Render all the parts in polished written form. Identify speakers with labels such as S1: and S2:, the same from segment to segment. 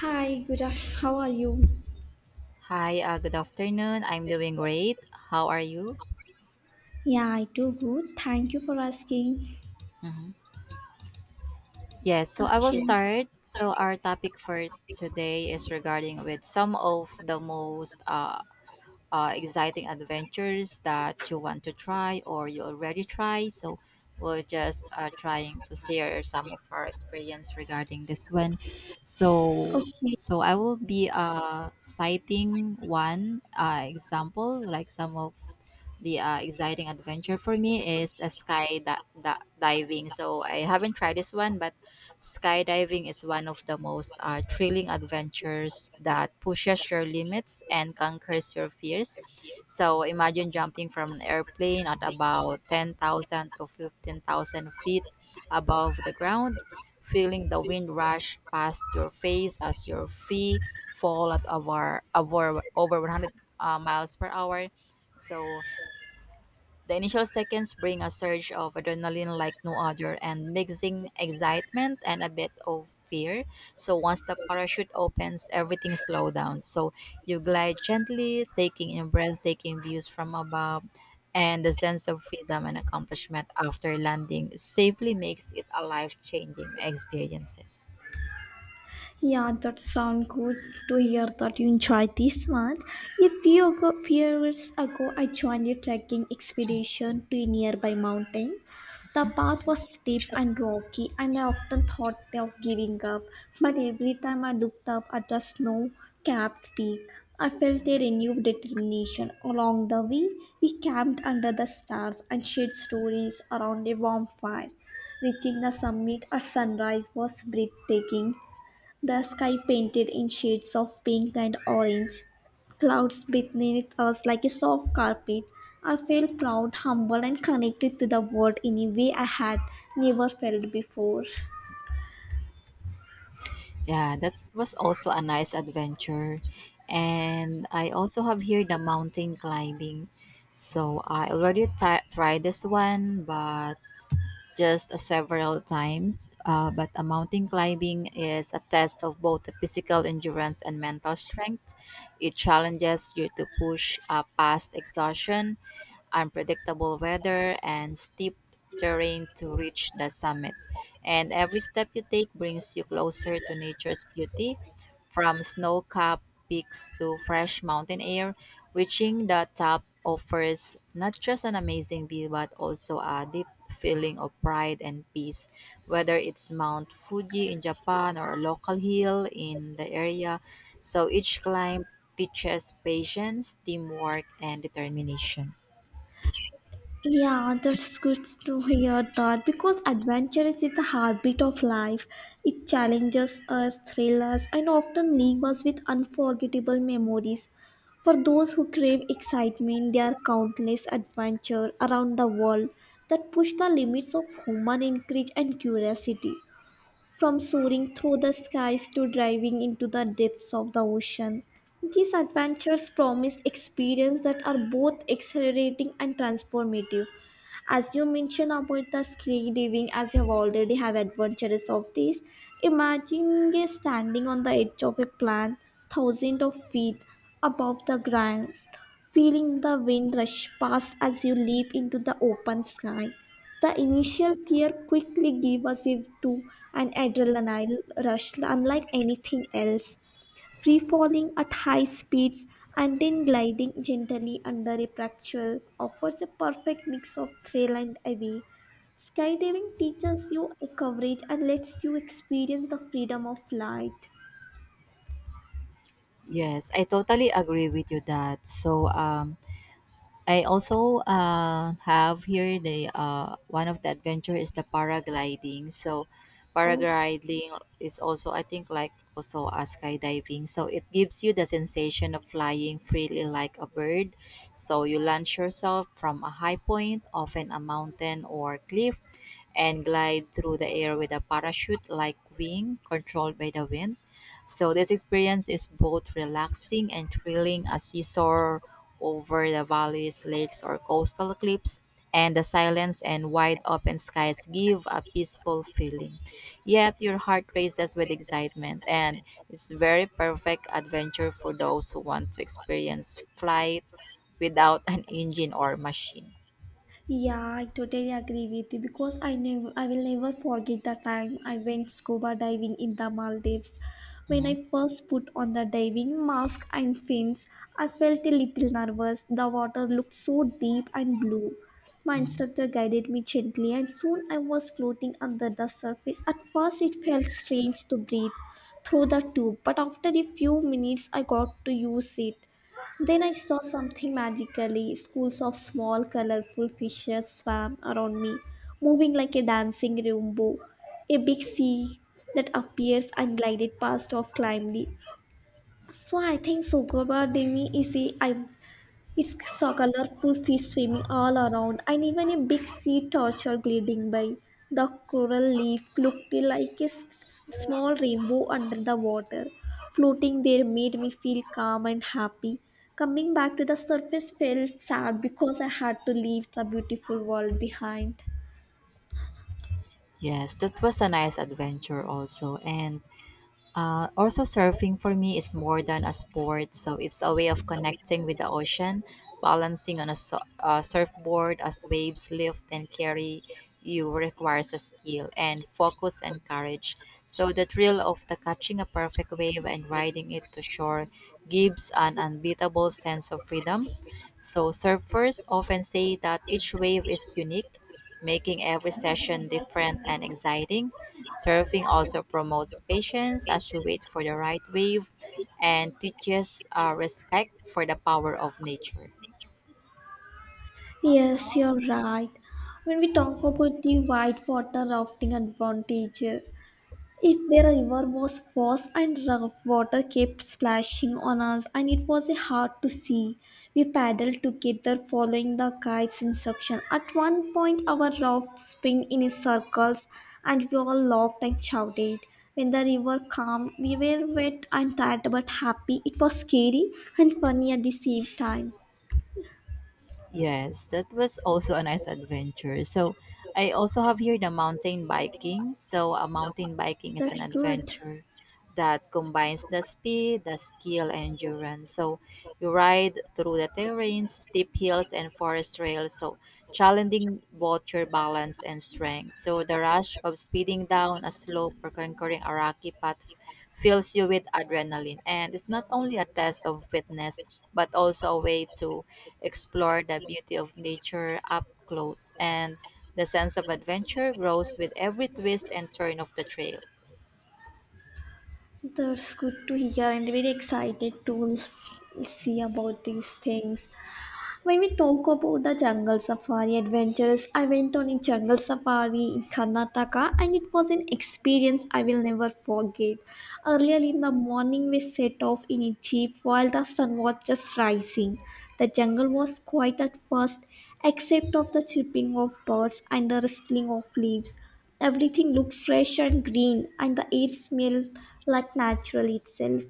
S1: Hi, good afternoon. How are you?
S2: Hi, good afternoon. I'm doing great. How are you?
S1: Yeah, I do good. Thank you for asking.
S2: Mhm. Yes, so I will
S1: Okay,
S2: start. So our topic for today is regarding with some of the most exciting adventures that you want to try or you already try. So we're just trying to share some of our experience regarding this one. So
S1: okay.
S2: so I will be citing one example, like some of the exciting adventure for me is a diving. So I haven't tried this one, but skydiving is one of the most thrilling adventures that pushes your limits and conquers your fears. So imagine jumping from an airplane at about 10,000 to 15,000 feet above the ground, feeling the wind rush past your face as your feet fall at over 100 miles per hour. So the initial seconds bring a surge of adrenaline like no other and mixing excitement and a bit of fear. So once the parachute opens, everything slows down. So you glide gently, taking in breathtaking views from above and the sense of freedom and accomplishment after landing safely makes it a life-changing experiences.
S1: Yeah, that sounds good to hear that you enjoyed this month. Few years ago, I joined a trekking expedition to a nearby mountain. The path was steep and rocky, and I often thought of giving up. But every time I looked up at the snow capped peak, I felt a renewed determination. Along the way, we camped under the stars and shared stories around a warm fire. Reaching the summit at sunrise was breathtaking, the sky painted in shades of pink and orange, clouds beneath us like a soft carpet. I felt proud, humble, and connected to the world in a way I had never felt before.
S2: Yeah, that was also a nice adventure. And I also have here the mountain climbing. So I already ti tried this one, but just several times, but a mountain climbing is a test of both the physical endurance and mental strength. It challenges you to push past exhaustion, unpredictable weather, and steep terrain to reach the summit. And every step you take brings you closer to nature's beauty, from snow capped peaks to fresh mountain air. Reaching the top offers not just an amazing view but also a deep feeling of pride and peace. Whether it's Mount Fuji in Japan or a local hill in the area, so each climb teaches patience, teamwork, and determination.
S1: Yeah, that's good to hear that because adventure is the heartbeat of life. It challenges us, thrills us, and often leaves us with unforgettable memories. For those who crave excitement, there are countless adventures around the world that push the limits of human encourage and curiosity. From soaring through the skies to diving into the depths of the ocean, these adventures promise experiences that are both exhilarating and transformative. As you mentioned about the skydiving, as you have already have adventures of this, imagine standing on the edge of a plant thousands of feet above the ground, feeling the wind rush past as you leap into the open sky. The initial fear quickly gave us a to an adrenaline rush unlike anything else. Free falling at high speeds and then gliding gently under a parasol offers a perfect mix of thrill and awe. Skydiving teaches you a coverage and lets you experience the freedom of flight.
S2: Yes, I totally agree with you that. So, I also have here the one of the adventure is the paragliding. So
S1: Oh.
S2: paragliding is also I think like also a skydiving. So it gives you the sensation of flying freely like a bird. So you launch yourself from a high point, often a mountain or cliff and glide through the air with a parachute like wing controlled by the wind. So, this experience is both relaxing and thrilling as you soar over the valleys, lakes, or coastal cliffs, and the silence and wide open skies give a peaceful feeling. Yet, your heart races with excitement, and it's very perfect adventure for those who want to experience flight without an engine or machine.
S1: Yeah, I totally agree with you because I will never forget the time I went scuba diving in the Maldives. When
S2: Mhm.
S1: I first put on the diving mask and fins, I felt a little nervous. The water looked so deep and blue. My instructor guided me gently and soon I was floating under the surface. At first it felt strange to breathe through the tube, but after a few minutes I got to use it. Then I saw something magically schools of small, colorful fishes swam around me, moving like a dancing rainbow. A big sea that appears and glided past off calmly. So I think Sogoba Demi is a he saw colorful fish swimming all around, and even a big sea turtle gliding by. The coral leaf looked like a small rainbow under the water. Floating there made me feel calm and happy. Coming back to the surface felt sad because I had to leave the beautiful world behind.
S2: Yes, that was a nice adventure also. And also, surfing for me is more than a sport, so it's a way of connecting with the ocean, balancing on a surfboard as waves lift and carry you requires a skill and focus and courage. So, the thrill of the catching a perfect wave and riding it to shore gives an unbeatable sense of freedom. So, surfers often say that each wave is unique, making every session different and exciting. Surfing also promotes patience as you wait for the right wave and teaches respect for the power of nature.
S1: Yes, you're right. When we talk about the whitewater rafting advantage, it, the river was fast and rough. Water kept splashing on us, and it was hard to see. We paddled together, following the guide's instruction. At one point, our raft spun in circles, and we all laughed and shouted. When the river calmed, we were wet and tired but happy. It was scary and funny at the same time.
S2: Yes, that was also a nice adventure. So, I also have here the mountain biking. So, a mountain biking is an
S1: That's good.
S2: adventure that combines the speed, the skill, and endurance. So, you ride through the terrains, steep hills, and forest trails. So, challenging both your balance and strength. So the rush of speeding down a slope or conquering a rocky path fills you with adrenaline. And it's not only a test of fitness, but also a way to explore the beauty of nature up close. And the sense of adventure grows with every twist and turn of the trail.
S1: That's good to hear and very excited to see about these things. When we talk about the jungle safari adventures, I went on a jungle safari in Karnataka and it was an experience I will never forget. Earlier in the morning, we set off in a jeep while the sun was just rising. The jungle was quiet at first, except of the chirping of birds and the rustling of leaves. Everything looked fresh and green, and the air smelled like natural itself.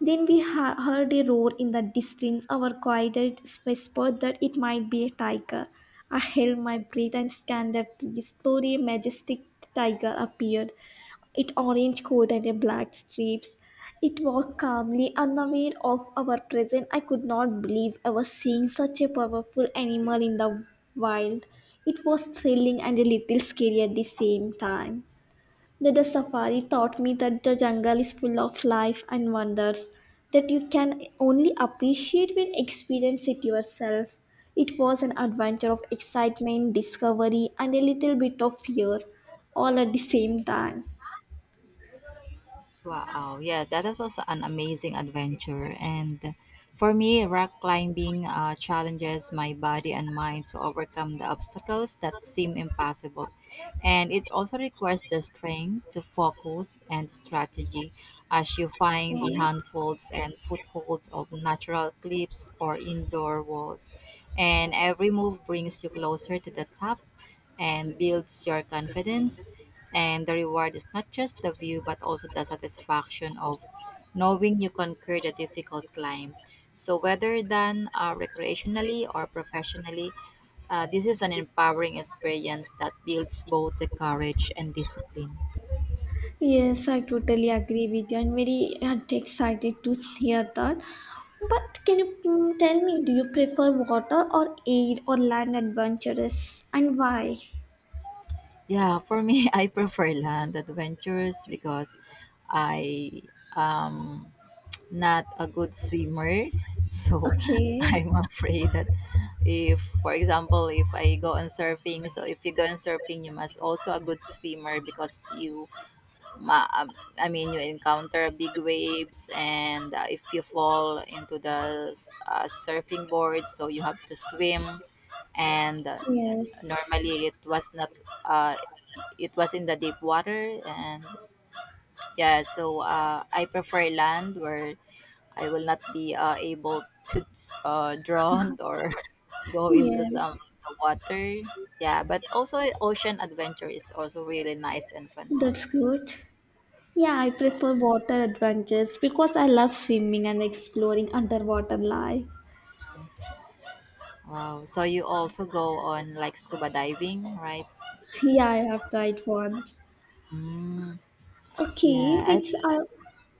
S1: Then we heard a roar in the distance. Our guidance whispered that it might be a tiger. I held my breath and scanned the trees. Slowly, a majestic tiger appeared. It orange coat and a black stripes. It walked calmly, unaware of our presence. I could not believe I was seeing such a powerful animal in the wild. It was thrilling and a little scary at the same time. That the safari taught me that the jungle is full of life and wonders that you can only appreciate when experience it yourself. It was an adventure of excitement, discovery, and a little bit of fear all at the same time.
S2: Wow, yeah, that was an amazing adventure. And for me, rock climbing challenges my body and mind to overcome the obstacles that seem impossible. And it also requires the strength to focus and strategy as you find
S1: Yeah.
S2: the handfolds and footholds of natural cliffs or indoor walls. And every move brings you closer to the top and builds your confidence. And the reward is not just the view, but also the satisfaction of knowing you conquered a difficult climb. So, whether done recreationally or professionally, this is an empowering experience that builds both the courage and discipline.
S1: Yes, I totally agree with you. I'm very excited to hear that. But can you tell me, do you prefer water or air or land adventures and why?
S2: Yeah, for me, I prefer land adventures because I um, not a good swimmer. So
S1: Okay,
S2: I'm afraid that if, for example, if I go on surfing, so if you go on surfing, you must also a good swimmer because you, I mean, you encounter big waves and if you fall into the surfing board, so you have to swim. And
S1: yes.
S2: normally it was not, uh, it was in the deep water and yeah, so I prefer land where I will not be able to drown or go
S1: Yeah,
S2: into some the water. Yeah, but also ocean adventure is also really nice and
S1: that's
S2: fantastic.
S1: good. Yeah, I prefer water adventures because I love swimming and exploring underwater life.
S2: Wow. So you also go on like scuba diving, right?
S1: Yeah, I have tried once.
S2: Mm,
S1: Okay,
S2: yeah.
S1: which are,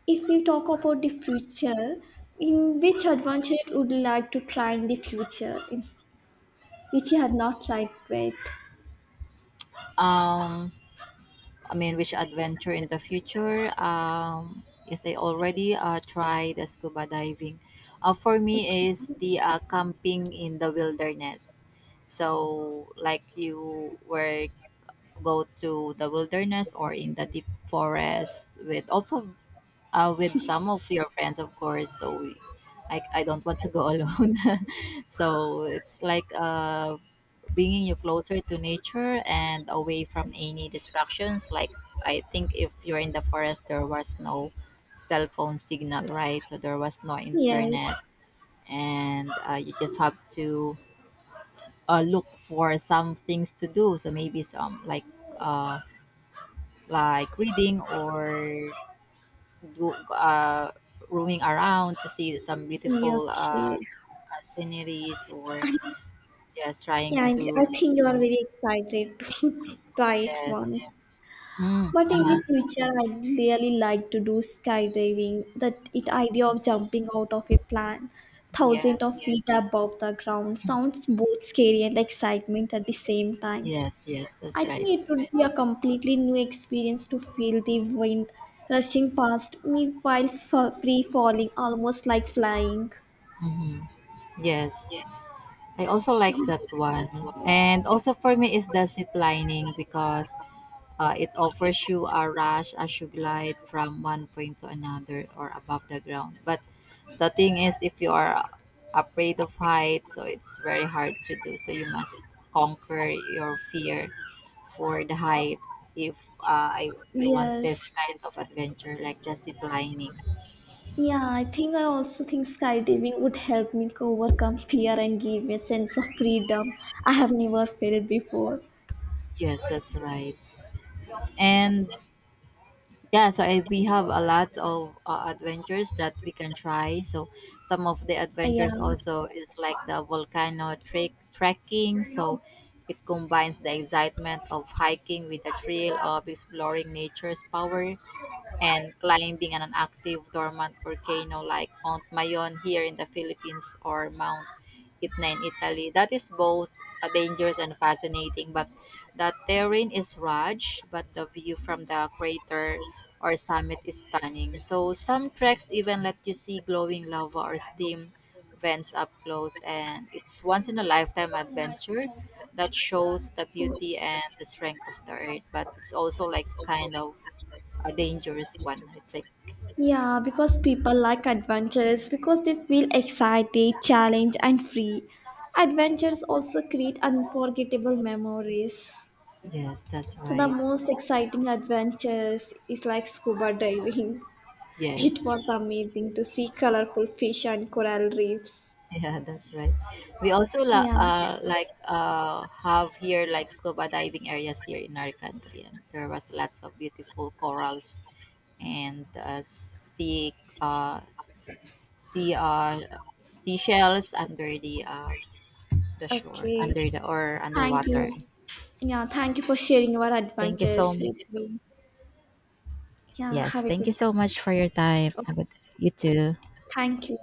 S1: if you talk about the future, in which adventure you would like to try in the future, in- which you have not tried yet?
S2: um I mean, which adventure in the future? Yes, I already tried the scuba diving. For
S1: Okay.
S2: me is the camping in the wilderness. So, like you were go to the wilderness or in the deep forest with also with some of your friends, of course. So, I don't want to go alone. So it's like a bringing you closer to nature and away from any distractions. Like, I think if you're in the forest, there was no cell phone signal, right? So there was no internet,
S1: Yes.
S2: and you just have to look for some things to do. So maybe some uh, like reading or do, uh, roaming around to see some
S1: Yeah,
S2: beautiful
S1: okay.
S2: sceneries or yes, trying
S1: Yeah, I
S2: to s-
S1: think you are very excited to try it
S2: yes.
S1: once.
S2: Mm,
S1: But in
S2: uh-huh.
S1: the future, I'd really like to do skydiving. That it idea of jumping out of a plane, thousands of
S2: Yes,
S1: feet yes. Above the ground, sounds both scary and excitement at the same time.
S2: yes, that's
S1: I think
S2: right.
S1: it would be a completely new experience to feel the wind rushing past me while free falling, almost like flying.
S2: Hmm. Yes, I also like that one. And also for me is the zip lining because it offers you a rush as you glide from one point to another or above the ground. But the thing is, if you are afraid of height, so it's very hard to do. So you must conquer your fear for the height if I, you want this
S1: Yes.
S2: kind of adventure like the zip lining.
S1: Yeah, I think I also think skydiving would help me overcome fear and give me a sense of freedom I have never felt before.
S2: Yes, that's right. And yeah, so we have a lot of adventures that we can try. So some of the
S1: Yeah,
S2: adventures also is like the volcano trek trekking. So it combines the excitement of hiking with the thrill of exploring nature's power and climbing on an active dormant volcano like Mount Mayon here in the Philippines or Mount Etna in Italy. That is both dangerous and fascinating, but the terrain is rugged, but the view from the crater or summit is stunning. So some treks even let you see glowing lava or steam vents up close and it's once in a lifetime adventure that shows the beauty and the strength of the earth but it's also like kind of a dangerous one, I think.
S1: yeah, because people like adventures because they feel excited, challenged, and free. Adventures also create unforgettable memories.
S2: Yes, that's
S1: So, the
S2: right.
S1: most exciting adventures is like scuba diving. It
S2: Yes.
S1: was amazing to see colorful fish and coral reefs.
S2: Yeah, that's right. We also
S1: Yeah,
S2: like have here like scuba diving areas here in our country, and there was lots of beautiful corals and uh, sea uh, seashells under the shore,
S1: okay.
S2: under the or
S1: Thank
S2: underwater.
S1: you. Yeah, thank you for sharing your
S2: Thank you
S1: adventures
S2: so
S1: with me. Yeah,
S2: yes,
S1: have a
S2: thank
S1: good
S2: you so much for your time. Have a good you too.
S1: thank you.